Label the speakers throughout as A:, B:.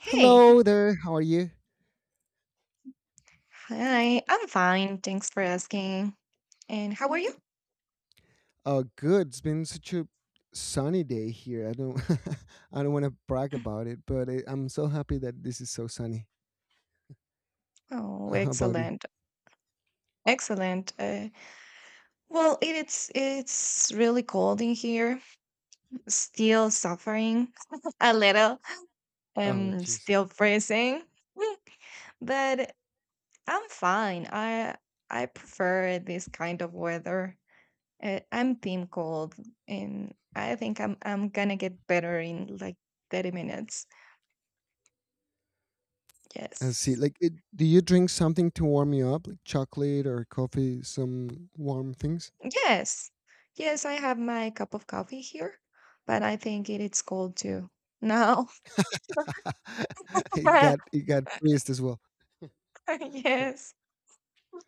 A: Hey,
B: Hello there. How are you?
A: hi, I'm fine. Thanks for asking. And how are you?
B: Oh, good. It's been such a sunny day here. I don't, I don't want to brag about it, but I'm so happy that this is so sunny.
A: Oh,
B: How about you?
A: excellent. Excellent. Well, it's really cold in here. Still suffering a little.
B: Oh,
A: Um,
B: jeez.
A: still freezing. Mm, but I'm fine. I prefer this kind of weather. I'm team cold, and I think I'm gonna get better in like 30 minutes.
B: I see.
A: Yes.
B: Like, it, do you drink something to warm you up, like chocolate or coffee, some warm things?
A: Yes. Yes, I have my cup of coffee here, but I think it is cold too. Now.
B: It got praised as well.
A: Yes.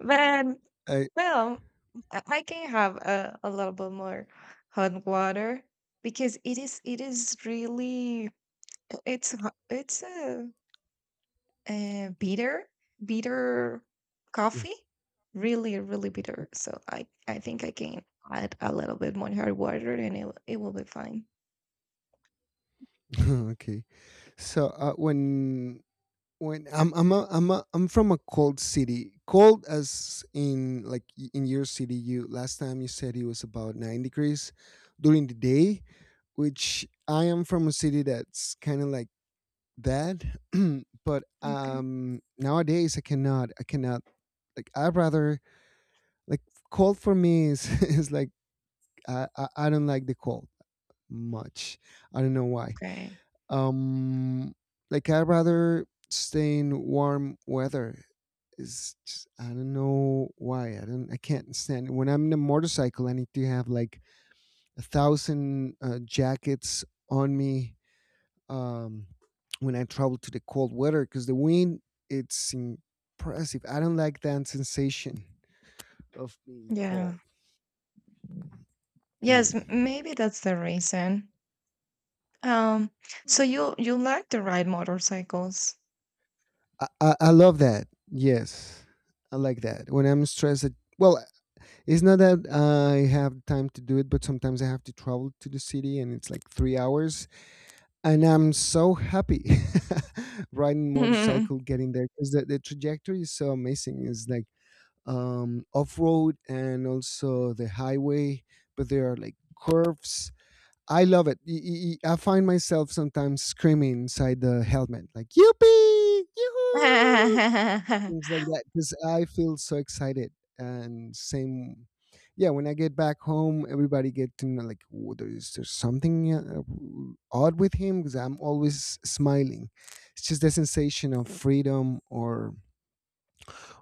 A: But
B: I,
A: well, I can have a little bit more hot water because it is really it's a bitter, bitter
B: yeah.
A: coffee, really, really
B: Mhm.
A: bitter. So I think I can add a little bit more hard water and it will be fine.
B: Okay. So when I'm from a cold city. Cold as in like in your city. You last time you said it was about 9 degrees during the day, which I am from a city that's kind of like that. but
A: Okay.
B: um nowadays I cannot like I'd rather like cold for me is is like I don't like the cold much. I don't know why.
A: Okay.
B: Um, like I'd rather stay in warm weather. It's just, I don't know why. I don't. I can't stand it when I'm in a motorcycle. I need to have like a thousand jackets on me, um, when I travel to the cold weather because the wind, it's impressive. I don't like that sensation of being
A: Yeah.
B: cold.
A: Yes,
B: Mm.
A: maybe that's the reason. Um, so you you like to ride motorcycles?
B: I love that. Yes, I like that. When I'm stressed, well, it's not that I have time to do it, but sometimes I have to travel to the city and it's like 3 hours. And I'm so happy riding motorcycle, getting there because the trajectory is so amazing. It's like off road and also the highway, but there are like curves. I love it. I find myself sometimes screaming inside the helmet, like, "Yippee! Yoo-hoo!" things like that because I feel so excited. And same, yeah. When I get back home, everybody get to know like, "Oh, there's something odd with him," because I'm always smiling. It's just the sensation of freedom,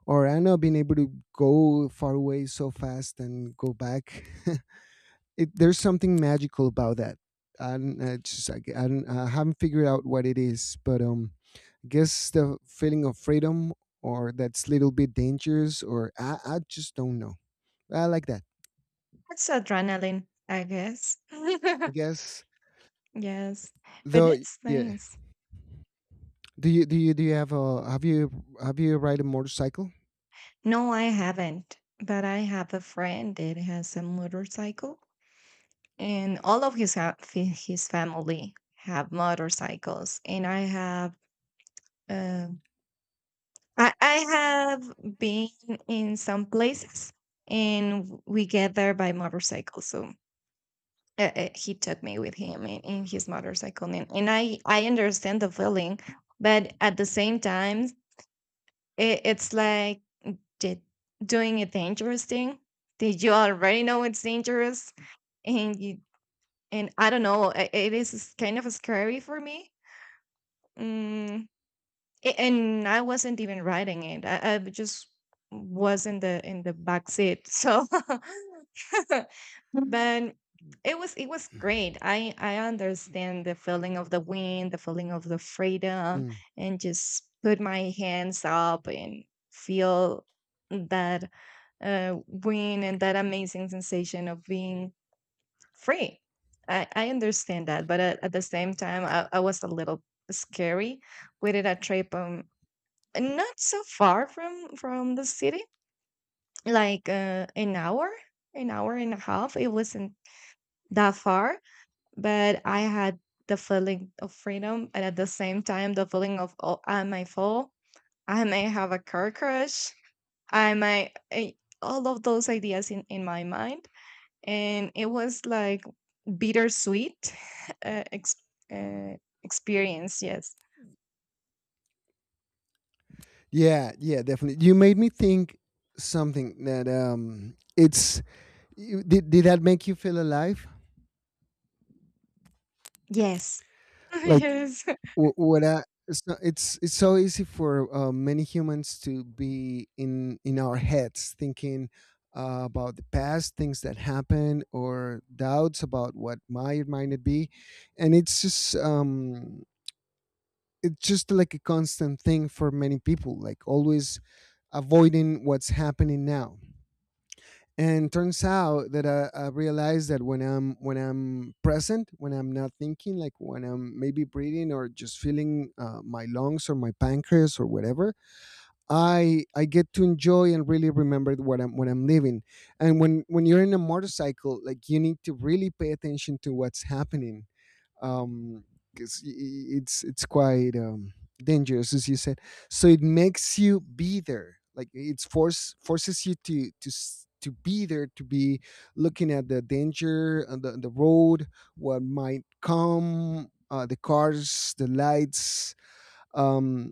B: or I don't know, being able to go far away so fast and go back. It, there's something magical about that. I don't, I haven't figured out what it is, but um, guess the feeling of freedom or that's little bit dangerous, or I just don't know. I like that.
A: That's adrenaline, I guess.
B: I guess
A: Yes, but
B: though,
A: it's
B: yeah.
A: nice.
B: Do you have a have you ride a motorcycle?
A: No, I haven't, but I have a friend that has a motorcycle, and all of his his family have motorcycles, and I have. uh, I have been in some places and we get there by motorcycle. So he took me with him in his motorcycle. And I understand the feeling, but at the same time, it's like did, doing a dangerous thing. Did you already know it's dangerous? And you, and I don't know, it is kind of scary for me. mm, A- and I wasn't even riding it. I just was in the back seat. So but it was great. I understand the feeling of the wind, the feeling of the freedom,
B: Mm.
A: and just put my hands up and feel that wind and that amazing sensation of being free. I understand that, but at the same time, I was a little scary. We did a trip not so far from the city, like an hour and a half. It wasn't that far, but I had the feeling of freedom, and at the same time, the feeling of, oh, I may fall, I may have a car crash, I might all of those ideas in my mind, and it was like bittersweet uh, ex- uh, experience. Yes,
B: Yeah, yeah, definitely. You made me think something that um, did that make you feel alive?
A: yes,
B: Like,
A: yes.
B: It's it's so easy for many humans to be in our heads thinking about the past, things that happen or doubts about what might not be, and it's just um, it's just like a constant thing for many people, like always avoiding what's happening now. And turns out that I realized that when I'm present, when I'm not thinking, like when I'm maybe breathing or just feeling my lungs or my pancreas or whatever, I get to enjoy and really remember what I'm living. And when you're in a motorcycle, like you need to really pay attention to what's happening, um, 'cause it's quite um, dangerous as you said, so it makes you be there. Like it's forces you to be there, to be looking at the danger on on the road, what might come, the cars, the lights, um,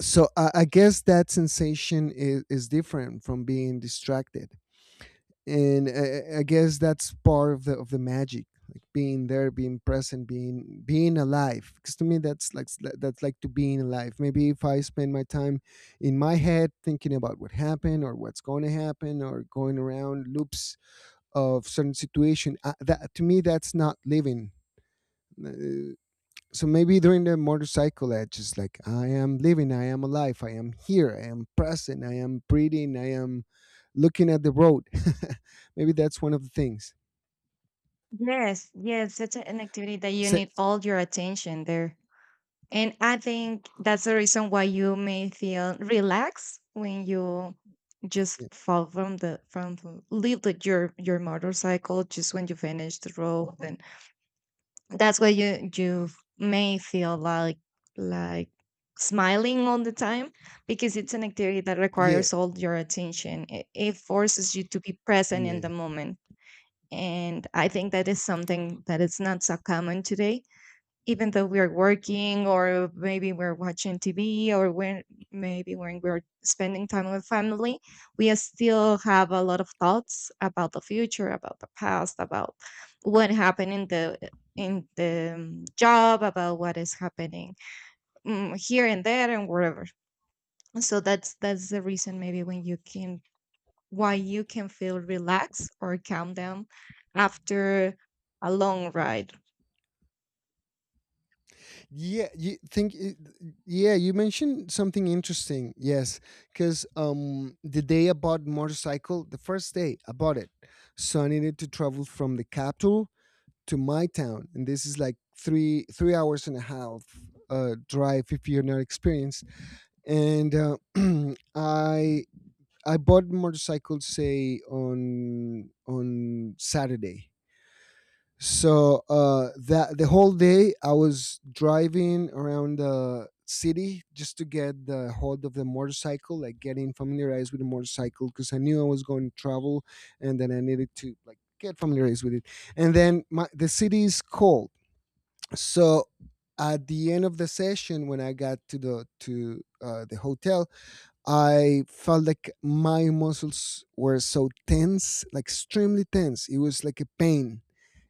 B: so I guess that sensation is different from being distracted. And I guess that's part of the magic, like being there, being present, being alive, because to me that's like, that's like to being alive. Maybe if I spend my time in my head thinking about what happened or what's going to happen or going around loops of certain situation, that to me, that's not living. Uh, so maybe during the motorcycle edge, just like I am living, I am alive, I am here, I am present, I am breathing, I am looking at the road. Maybe that's one of the things.
A: Yes, yes, such an activity that you
B: Se-
A: need all your attention there. And I think that's the reason why you may feel relaxed when you just
B: yeah,
A: fall from the leave the, your motorcycle just when you finish the road, and that's why you you may feel like like smiling all the time because it's an activity that
B: yeah
A: requires all your attention. It forces you to be present in the
B: yeah
A: moment, and I think that is something that is not so common today. Even though we're working, or maybe we're watching TV, or when maybe when we're spending time with family, we still have a lot of thoughts about the future, about the past, about what happened in the job, about what is happening, here and there and wherever. So that's the reason maybe when you came why you can feel relaxed or calm down after a long ride.
B: yeah, you think yeah, you mentioned something interesting, yes, because um, the day I bought motorcycle, the first day I bought it, so I needed to travel from the capital to my town, and this is like three hours and a half drive if you're not experienced. And I I bought motorcycles say on Saturday. So that the whole day I was driving around the city just to get the hold of the motorcycle, like getting familiarized with the motorcycle because I knew I was going to travel, and then I needed to like get familiarized with it. And then the city is cold, so at the end of the session when I got to the hotel, I felt like my muscles were so tense, like extremely tense. It was like a pain,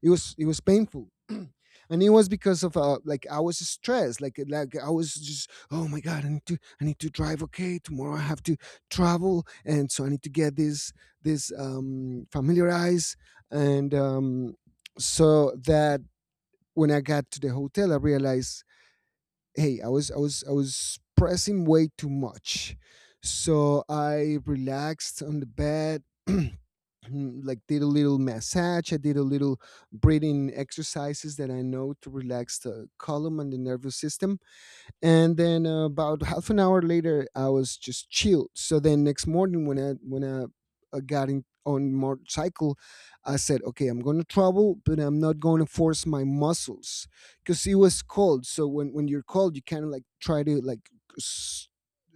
B: it was painful, and it was because of like I was stressed, like I was just, oh my god, I need to drive. Okay, tomorrow I have to travel, and so I need to get this, this um, familiarize and um, so that when I got to the hotel, I realized, hey, I was pressing way too much. So I relaxed on the bed. Like did a little massage, I did a little breathing exercises that I know to relax the column and the nervous system. And then about half an hour later I was just chilled. So then next morning when I got in on motorcycle, I said, okay, I'm going to travel, but I'm not going to force my muscles because it was cold. So when you're cold, you kind of like try to like, s-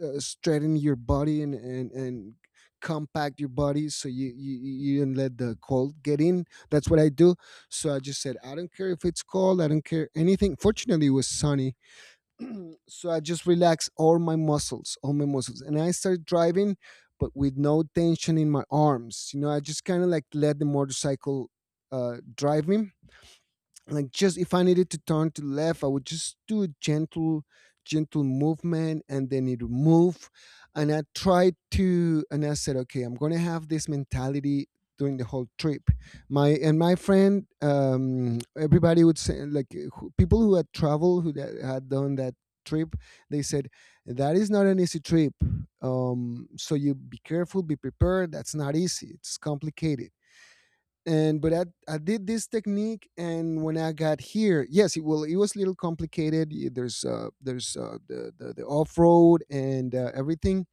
B: straighten your body and, and compact your body so you you don't let the cold get in. That's what I do. So I just said, I don't care if it's cold, I don't care anything. Fortunately it was sunny. So I just relax all my muscles, and I start driving, but with no tension in my arms. You know, I just kind of like let the motorcycle drive me, like just if I needed to turn to left, I would just do a gentle, gentle movement and then it would move. And I tried to, and I said, okay, I'm gonna have this mentality during the whole trip. My friend, um, everybody would say like, who, people who had traveled, who that had done that trip, they said that is not an easy trip, um, so you be careful, be prepared, that's not easy, it's complicated. And but I did this technique, and when I got here, yes, it, well, it was a little complicated. There's the the off-road and everything,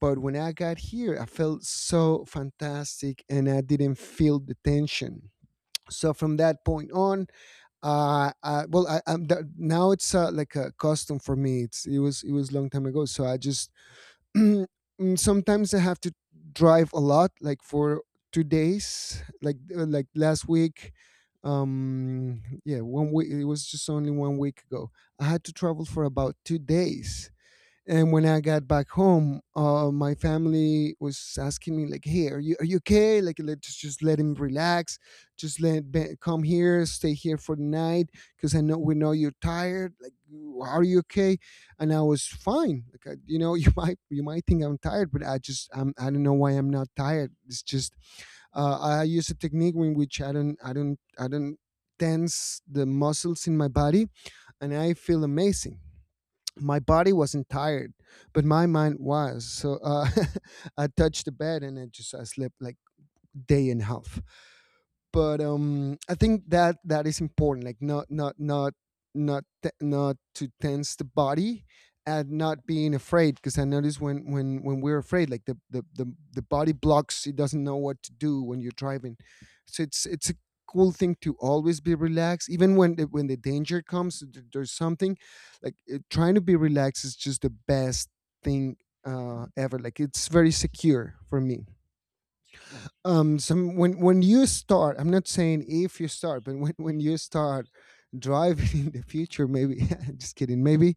B: but when I got here, I felt so fantastic and I didn't feel the tension. So from that point on, well, now it's like a custom for me. It's, it was, it was a long time ago, so I just mm, sometimes I have to drive a lot, like for 2 days, like last week. Yeah, 1 week. It was just only 1 week ago. I had to travel for about 2 days, and when I got back home, my family was asking me like, "Hey, are you okay? Like, let's just let him relax. Just let Ben come here, stay here for the night, because I know we know you're tired. Like, are you okay?" And I was fine. Like, I, you know, you might think I'm tired, but I just I don't know why I'm not tired. It's just I use a technique in which I don't tense the muscles in my body, and I feel amazing, my body wasn't tired, but my mind was. So, I touched the bed and I slept like day and half. But I think that that is important, like not to tense the body and not being afraid, because I notice when when we're afraid, like the body blocks. It doesn't know what to do when you're driving. So it's a cool thing to always be relaxed, even when the danger comes, there's something, like trying to be relaxed is just the best thing ever, like it's very secure for me. Um some when when you start, I'm not saying if you start, but when you start driving in the future, maybe, just kidding, maybe,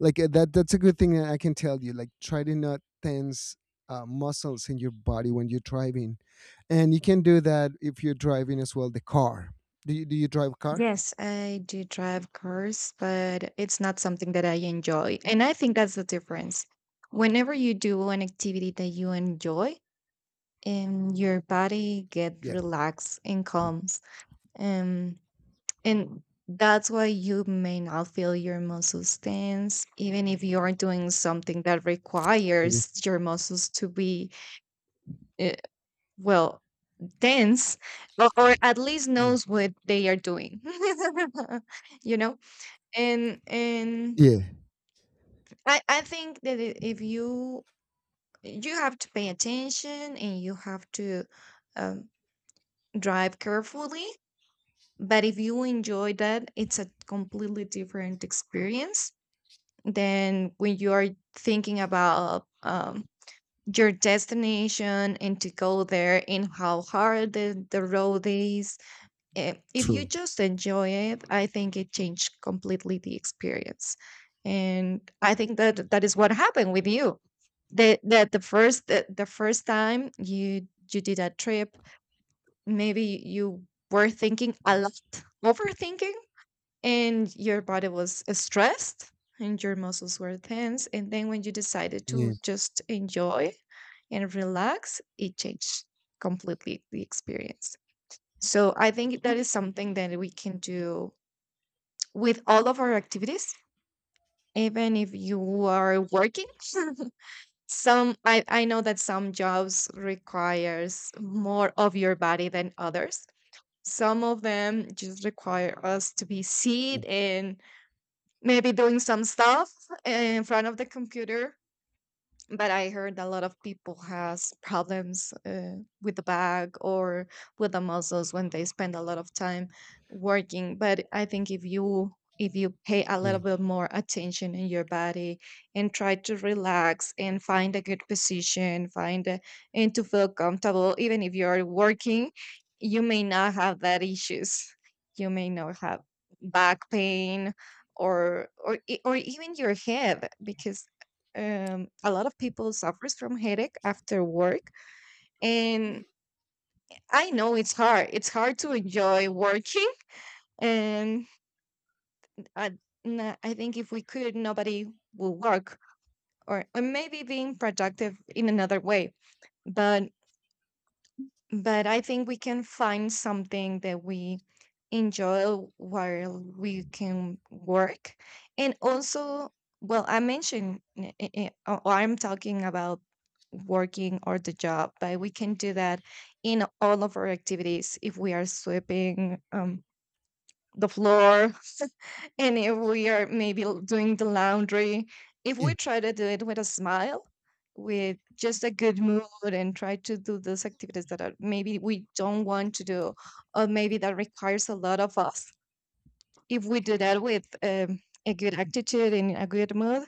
B: like that that's a good thing that I can tell you, like try to not tense muscles in your body when you're driving. And you can do that if you're driving as well, the car. Do you drive a car?
A: Yes, I do drive cars, but it's not something that I enjoy. And I think that's the difference. Whenever you do an activity that you enjoy, and your body get
B: Yeah,
A: relaxed and calms. Um, and that's why you may not feel your muscles tense, even if you are doing something that
B: maybe.
A: requires your muscles to be, uh, well, tense, or at least
B: Mm.
A: knows what they are doing, you know, and
B: Yeah,
A: I think that, if you you have to pay attention and you have to um, drive carefully, but if you enjoy that, it's a completely different experience than when you are thinking about your destination and to go there and how hard the road is. If you
B: true.
A: just enjoy it, I think it changed completely the experience. And I think that that is what happened with you. That that the first time you you did a trip, maybe you were thinking a lot, overthinking, and your body was stressed and your muscles were tense. And then when you decided
B: Yeah,
A: to just enjoy and relax, it changed completely the experience. So I think that is something that we can do with all of our activities, even if you are working. some I know that some jobs requires more of your body than others. Some of them just require us to be
B: mm,
A: seated and maybe doing some stuff in front of the computer, but I heard a lot of people has problems with the back or with the muscles when they spend a lot of time working. But I think if you pay a
B: yeah,
A: little bit more attention in your body and try to relax and find a good position, find a, and to feel comfortable, even if you are working, you may not have that issues. You may not have back pain or or even your head, because a lot of people suffers from headache after work, and I know it's hard to enjoy working, and i, I think if we could, nobody will work, or maybe being productive in another way, but but I think we can find something that we enjoy while we can work. And also, well, I mentioned, I'm talking about working or the job, but we can do that in all of our activities, if we are sweeping the floor, and if we are maybe doing the laundry, if
B: yeah,
A: we try to do it with a smile, with just a good mood, and try to do those activities that are maybe we don't want to do, or maybe that requires a lot of us, if we do that with a good attitude and a good mood,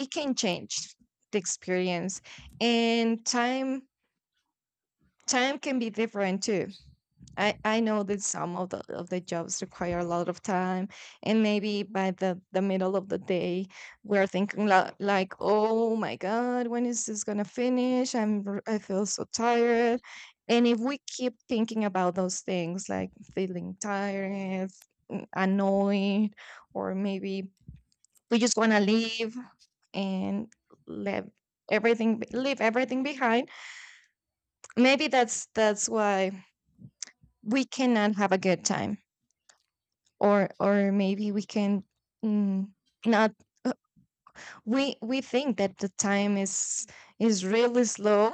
A: it can change the experience. And time can be different too. I know that some of the jobs require a lot of time, and maybe by the middle of the day we're thinking like, oh my god, when is this gonna finish, I feel so tired, and if we keep thinking about those things, like feeling tired, annoyed, or maybe we just want to leave and let everything leave everything behind, maybe that's why we cannot have a good time, or maybe we can, mm, not uh, we we think that the time is really slow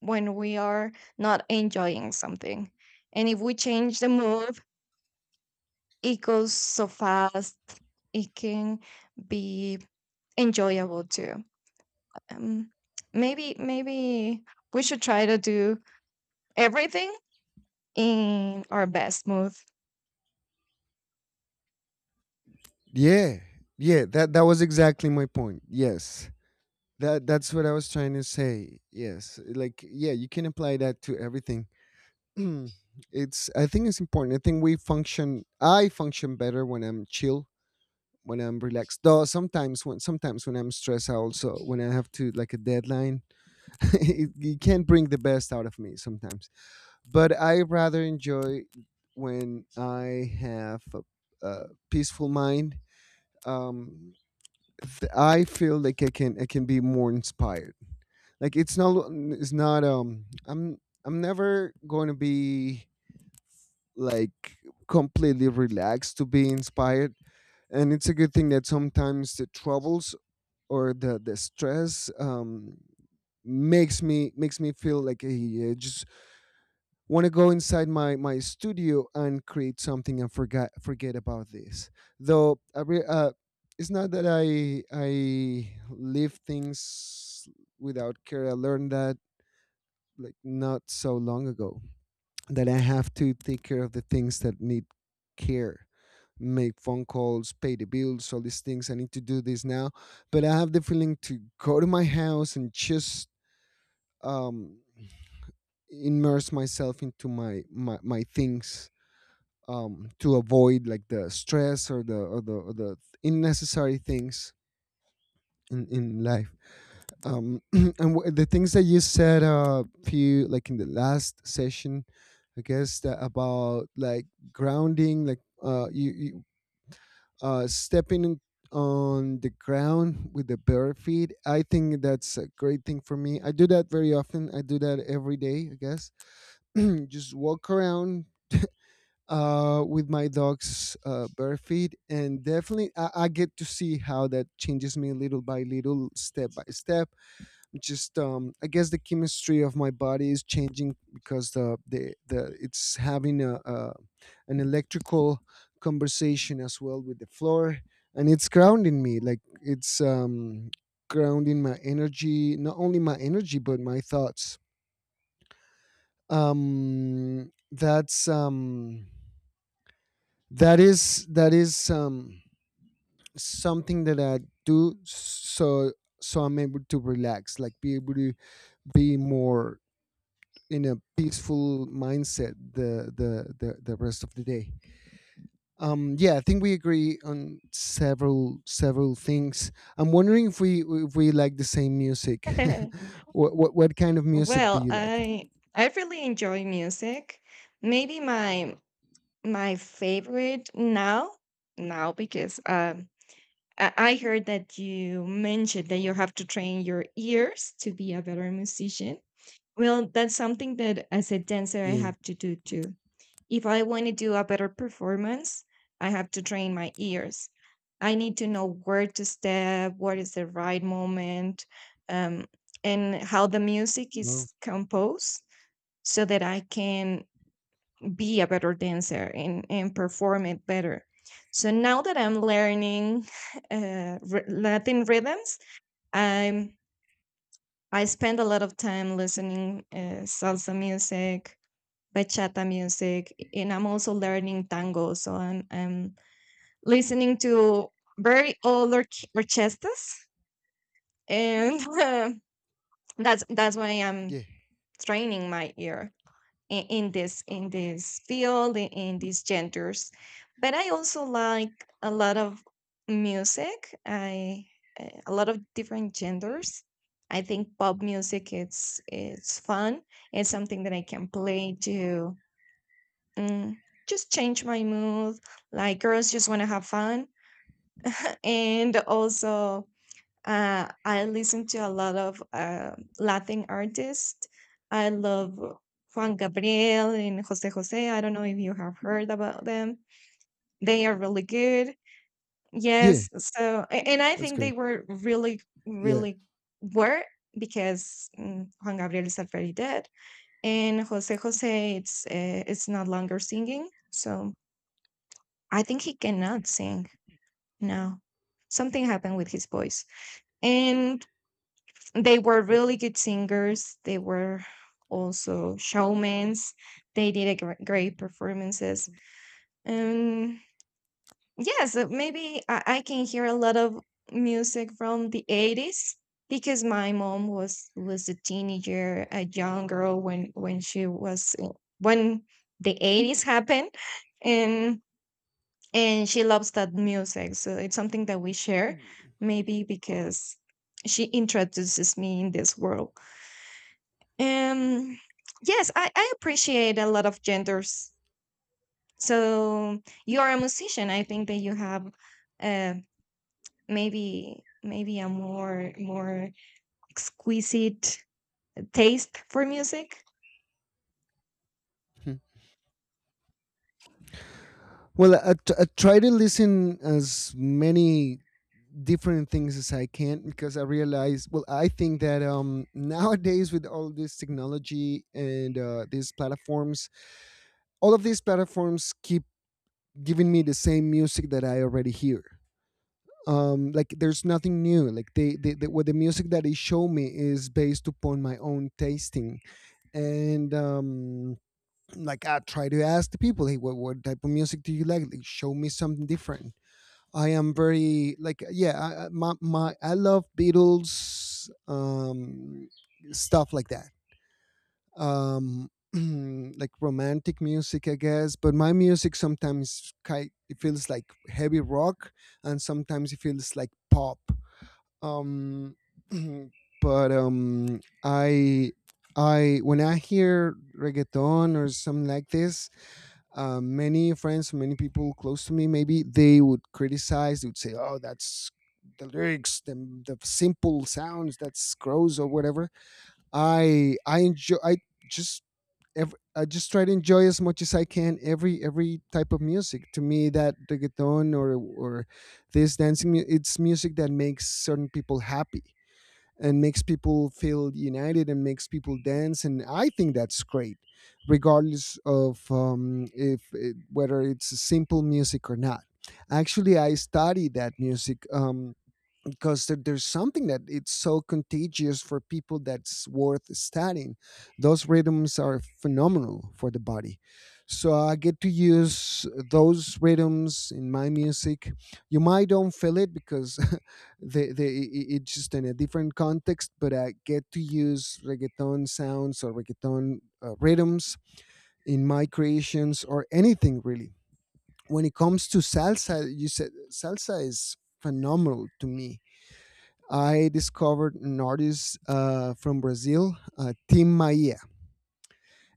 A: when we are not enjoying something, and if we change the mood, it goes so fast. It can be enjoyable too. um, Maybe maybe we should try to do everything in our best mood.
B: yeah, yeah. That was exactly my point. Yes, that's what I was trying to say. Yes, like yeah, you can apply that to everything. it's I think it's important. I think we function. I function better when I'm chill, when I'm relaxed. Though sometimes, when I'm stressed, I also, when I have to, like a deadline, you can't bring the best out of me sometimes. But I rather enjoy when I have a peaceful mind. Um, I feel like I can be more inspired. Like it's not I'm never going to be, like, completely relaxed to be inspired, and it's a good thing that sometimes the troubles or the stress makes me feel like, hey, yeah, just want to go inside my studio and create something and forget about this. Though it's not that I leave things without care. I learned that, like, not so long ago, that I have to take care of the things that need care. Make phone calls, pay the bills, all these things I need to do this now. But I have the feeling to go to my house and just um immerse myself into my things, to avoid, like, the stress or the unnecessary things in life. And the things that you said, few, like, in the last session, I guess that, about like grounding, like you stepping on the ground with the bare feet. I think that's a great thing for me. I do that very often. I do that every day, I guess. Just walk around, with my dog's, bare feet, and definitely I get to see how that changes me little by little, step by step. Just I guess the chemistry of my body is changing, because the it's having a an electrical conversation as well with the floor, and it's grounding me. Like it's, grounding my energy, not only my energy but my thoughts. Um, that's um that is something that I do, so I'm able to relax, like be able to be more in a peaceful mindset the rest of the day. Yeah, I think we agree on several things. I'm wondering if we like the same music. What kind of music do
A: Well,
B: you like?
A: I really enjoy music. Maybe my my favorite now, now, because I heard that you mentioned that you have to train your ears to be a better musician. Well, that's something that as a dancer I
B: Yeah.
A: have to do too. If I want to do a better performance, I have to train my ears. I need to know where to step, what is the right moment, um, and how the music
B: No.
A: is composed so that I can be a better dancer and perform it better. So now that I'm learning Latin rhythms, I'm I spend a lot of time listening salsa music, bachata music, and I'm also learning tango. So I'm listening to very old orchestras, and that's why I'm
B: Yeah,
A: training my ear. In this field in these genders, but I also like a lot of music. I A lot of different genders. I think pop music it's fun. It's something that I can play to, mm, just change my mood, like girls just want to have fun. And also I listen to a lot of Latin artists. I love Juan Gabriel and Jose Jose. I don't know if you have heard about them. They are really good.
B: yeah,
A: Yes. So, and I
B: that's
A: think they
B: great,
A: were really,
B: yeah.
A: really were, because Juan Gabriel is already dead, and Jose Jose it's not longer singing. So I think he cannot sing now. Something happened with his voice. And they were really good singers. They were also showmen. They did a great performances. And yes, maybe I can hear a lot of music from the 80's, because my mom was a teenager, a young girl when she was when the 80's happened, and and she loves that music. So it's something that we share, maybe because she introduces me in this world. Um, yes, I appreciate a lot of genders. So you are a musician. I think that you have uh, maybe maybe a more exquisite taste for music.
B: Well, I try to listen as many different things as I can, because I realize, well, I think that, nowadays, with all this technology and these platforms, all of these platforms keep giving me the same music that I already hear. Like there's nothing new. Like they what the music that they show me is based upon my own tasting, and like I try to ask the people, hey, what type of music do you like? Like, show me something different. I am very, like, yeah, I- my I love Beatles, stuff like that. Um like romantic music, I guess, but my music sometimes, ki it feels like heavy rock, and sometimes it feels like pop. Um but I when I hear reggaeton or something like this, many friends, many people close to me, maybe they would criticize. They would say, "Oh, that's the lyrics, the simple sounds, that's gross or whatever." I enjoy. Just I just try to enjoy as much as I can, every type of music. To me, that reggaeton, or this dancing, it's music that makes certain people happy, and makes people feel united, and makes people dance, and I think that's great, regardless of, if it, whether it's simple music or not. Actually, I study that music, because there's something that, it's so contagious for people, that's worth studying. Those rhythms are phenomenal for the body. So I get to use those rhythms in my music. You might don't feel it because, it's just in a different context, but I get to use reggaeton sounds or reggaeton rhythms in my creations or anything really. When it comes to salsa, you said salsa is phenomenal. To me, I discovered an artist, from Brazil, Tim Maia,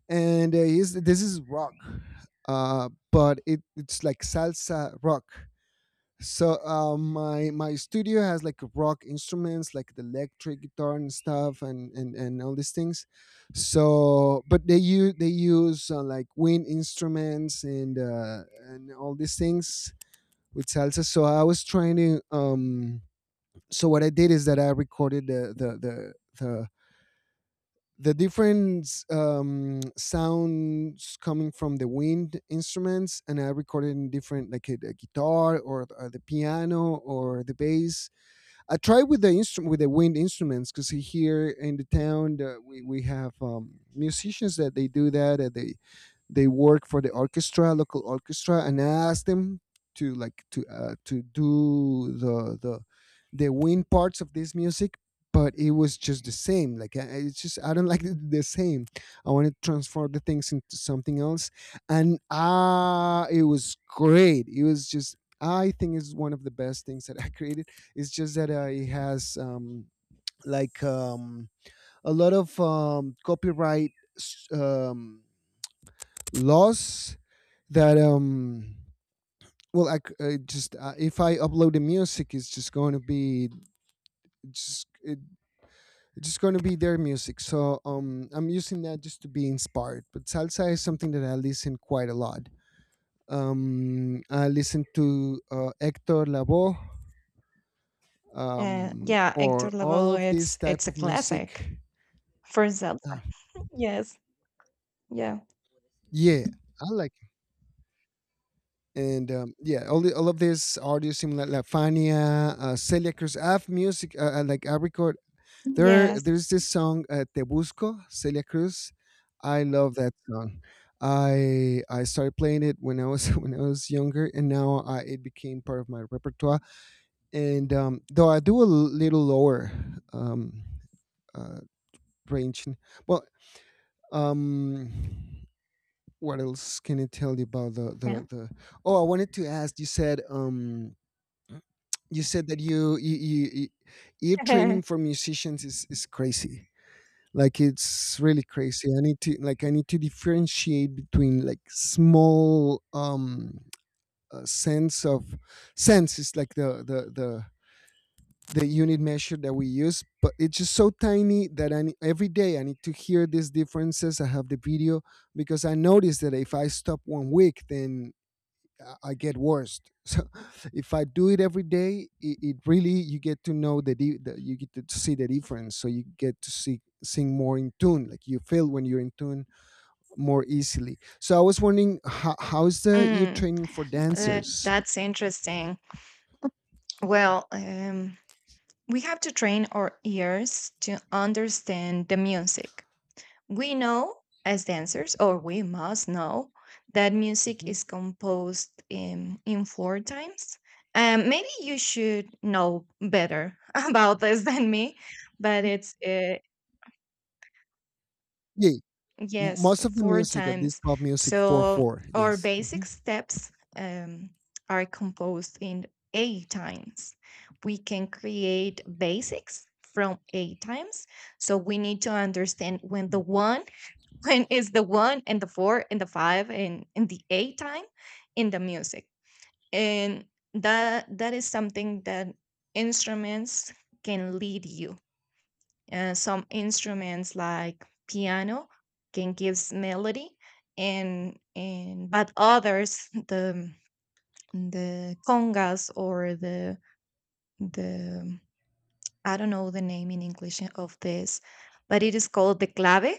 B: and this is rock, but it's like salsa rock. So my studio has, like, rock instruments, like the electric guitar and stuff, and and all these things. So, but they use, like, wind instruments and all these things with salsa. So I was trying to, so what I did is that I recorded the, the different, sounds coming from the wind instruments, and I recorded in different, like a guitar or the piano or the bass. I tried with the instrument, with the wind instruments, because here in the town, we have, musicians that they do that. They work for the orchestra, local orchestra, and I asked them to, like, to do the wind parts of this music, but it was just the same. Like, it's just, I don't like the same. I want to transform the things into something else, and, it was great. It was just, I think it's one of the best things that I created. It's just that it has, like, a lot of, copyright, laws, that, well, I just if I upload the music, it's just going to be, just it, it's just going to be their music. So, I'm using that just to be inspired, but salsa is something that I listen quite a lot. I listen to, Hector Lavoe,
A: Yeah, Hector
B: or all
A: Lavoe,
B: of this type
A: it's a
B: of
A: classic
B: music.
A: for Zelda.
B: uh,
A: Yes, yeah,
B: yeah, I like it. And, yeah, all of this audio, similar La Fania, Celia Cruz. I have music. I record. There,
A: yes,
B: there's this song, "Te Busco," Celia Cruz. I love that song. I started playing it when I was when I was younger, and now, it became part of my repertoire. And, though I do a little lower, um, uh, range, well, um, what else can I tell you about the
A: yeah.
B: the the? Oh, I wanted to ask. You said, you said that you ear training for musicians is crazy. Like, it's really crazy. I need to differentiate between, like, small, uh, sense of sense is like the unit measure that we use, but it's just so tiny that, every day I need to hear these differences. I have the video. Because I noticed that if I stop one week, then I get worst. So if I do it every day, it really, you get to know the, di- the you get to see the difference. So you get to see sing more in tune. Like you feel when you're in tune more easily. So I was wondering, how's the ear
A: Mm,
B: training for dancers?
A: that's interesting. Well, we have to train our ears to understand the music. We know as dancers, or we must know, that music
B: Hmm.
A: is composed in 4 times. Maybe you should know better about this than me, but
B: Yeah,
A: yes,
B: most of the
A: four
B: music at this
A: times.
B: pop music, four
A: So
B: four.
A: our
B: Yes.
A: basic
B: Mhm.
A: steps um, are composed in 8 times. We can create basics from 8 times. So we need to understand when the one when is the one and the 4 and the 5 and the 8 time in the music, and that that is something that instruments can lead you. Some instruments like piano can gives melody, and, but others the congas or the I don't know the name in english of this, but it is called the clave,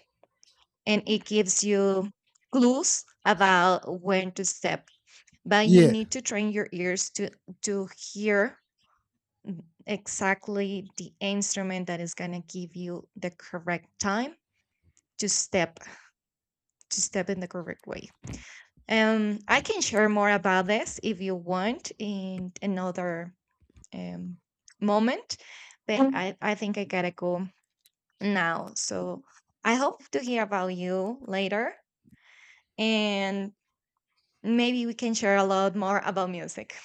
A: and it gives you clues about when to step, but you
B: Yeah.
A: need to train your ears to hear exactly the instrument that is going to give you the correct time to step, to step in the correct way. I can share more about this if you want in another um moment, but I think I gotta go now, so I hope to hear about you later, and maybe we can share a lot more about music.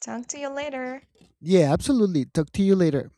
A: Talk to you later.
B: Yeah. Absolutely. Talk to you later.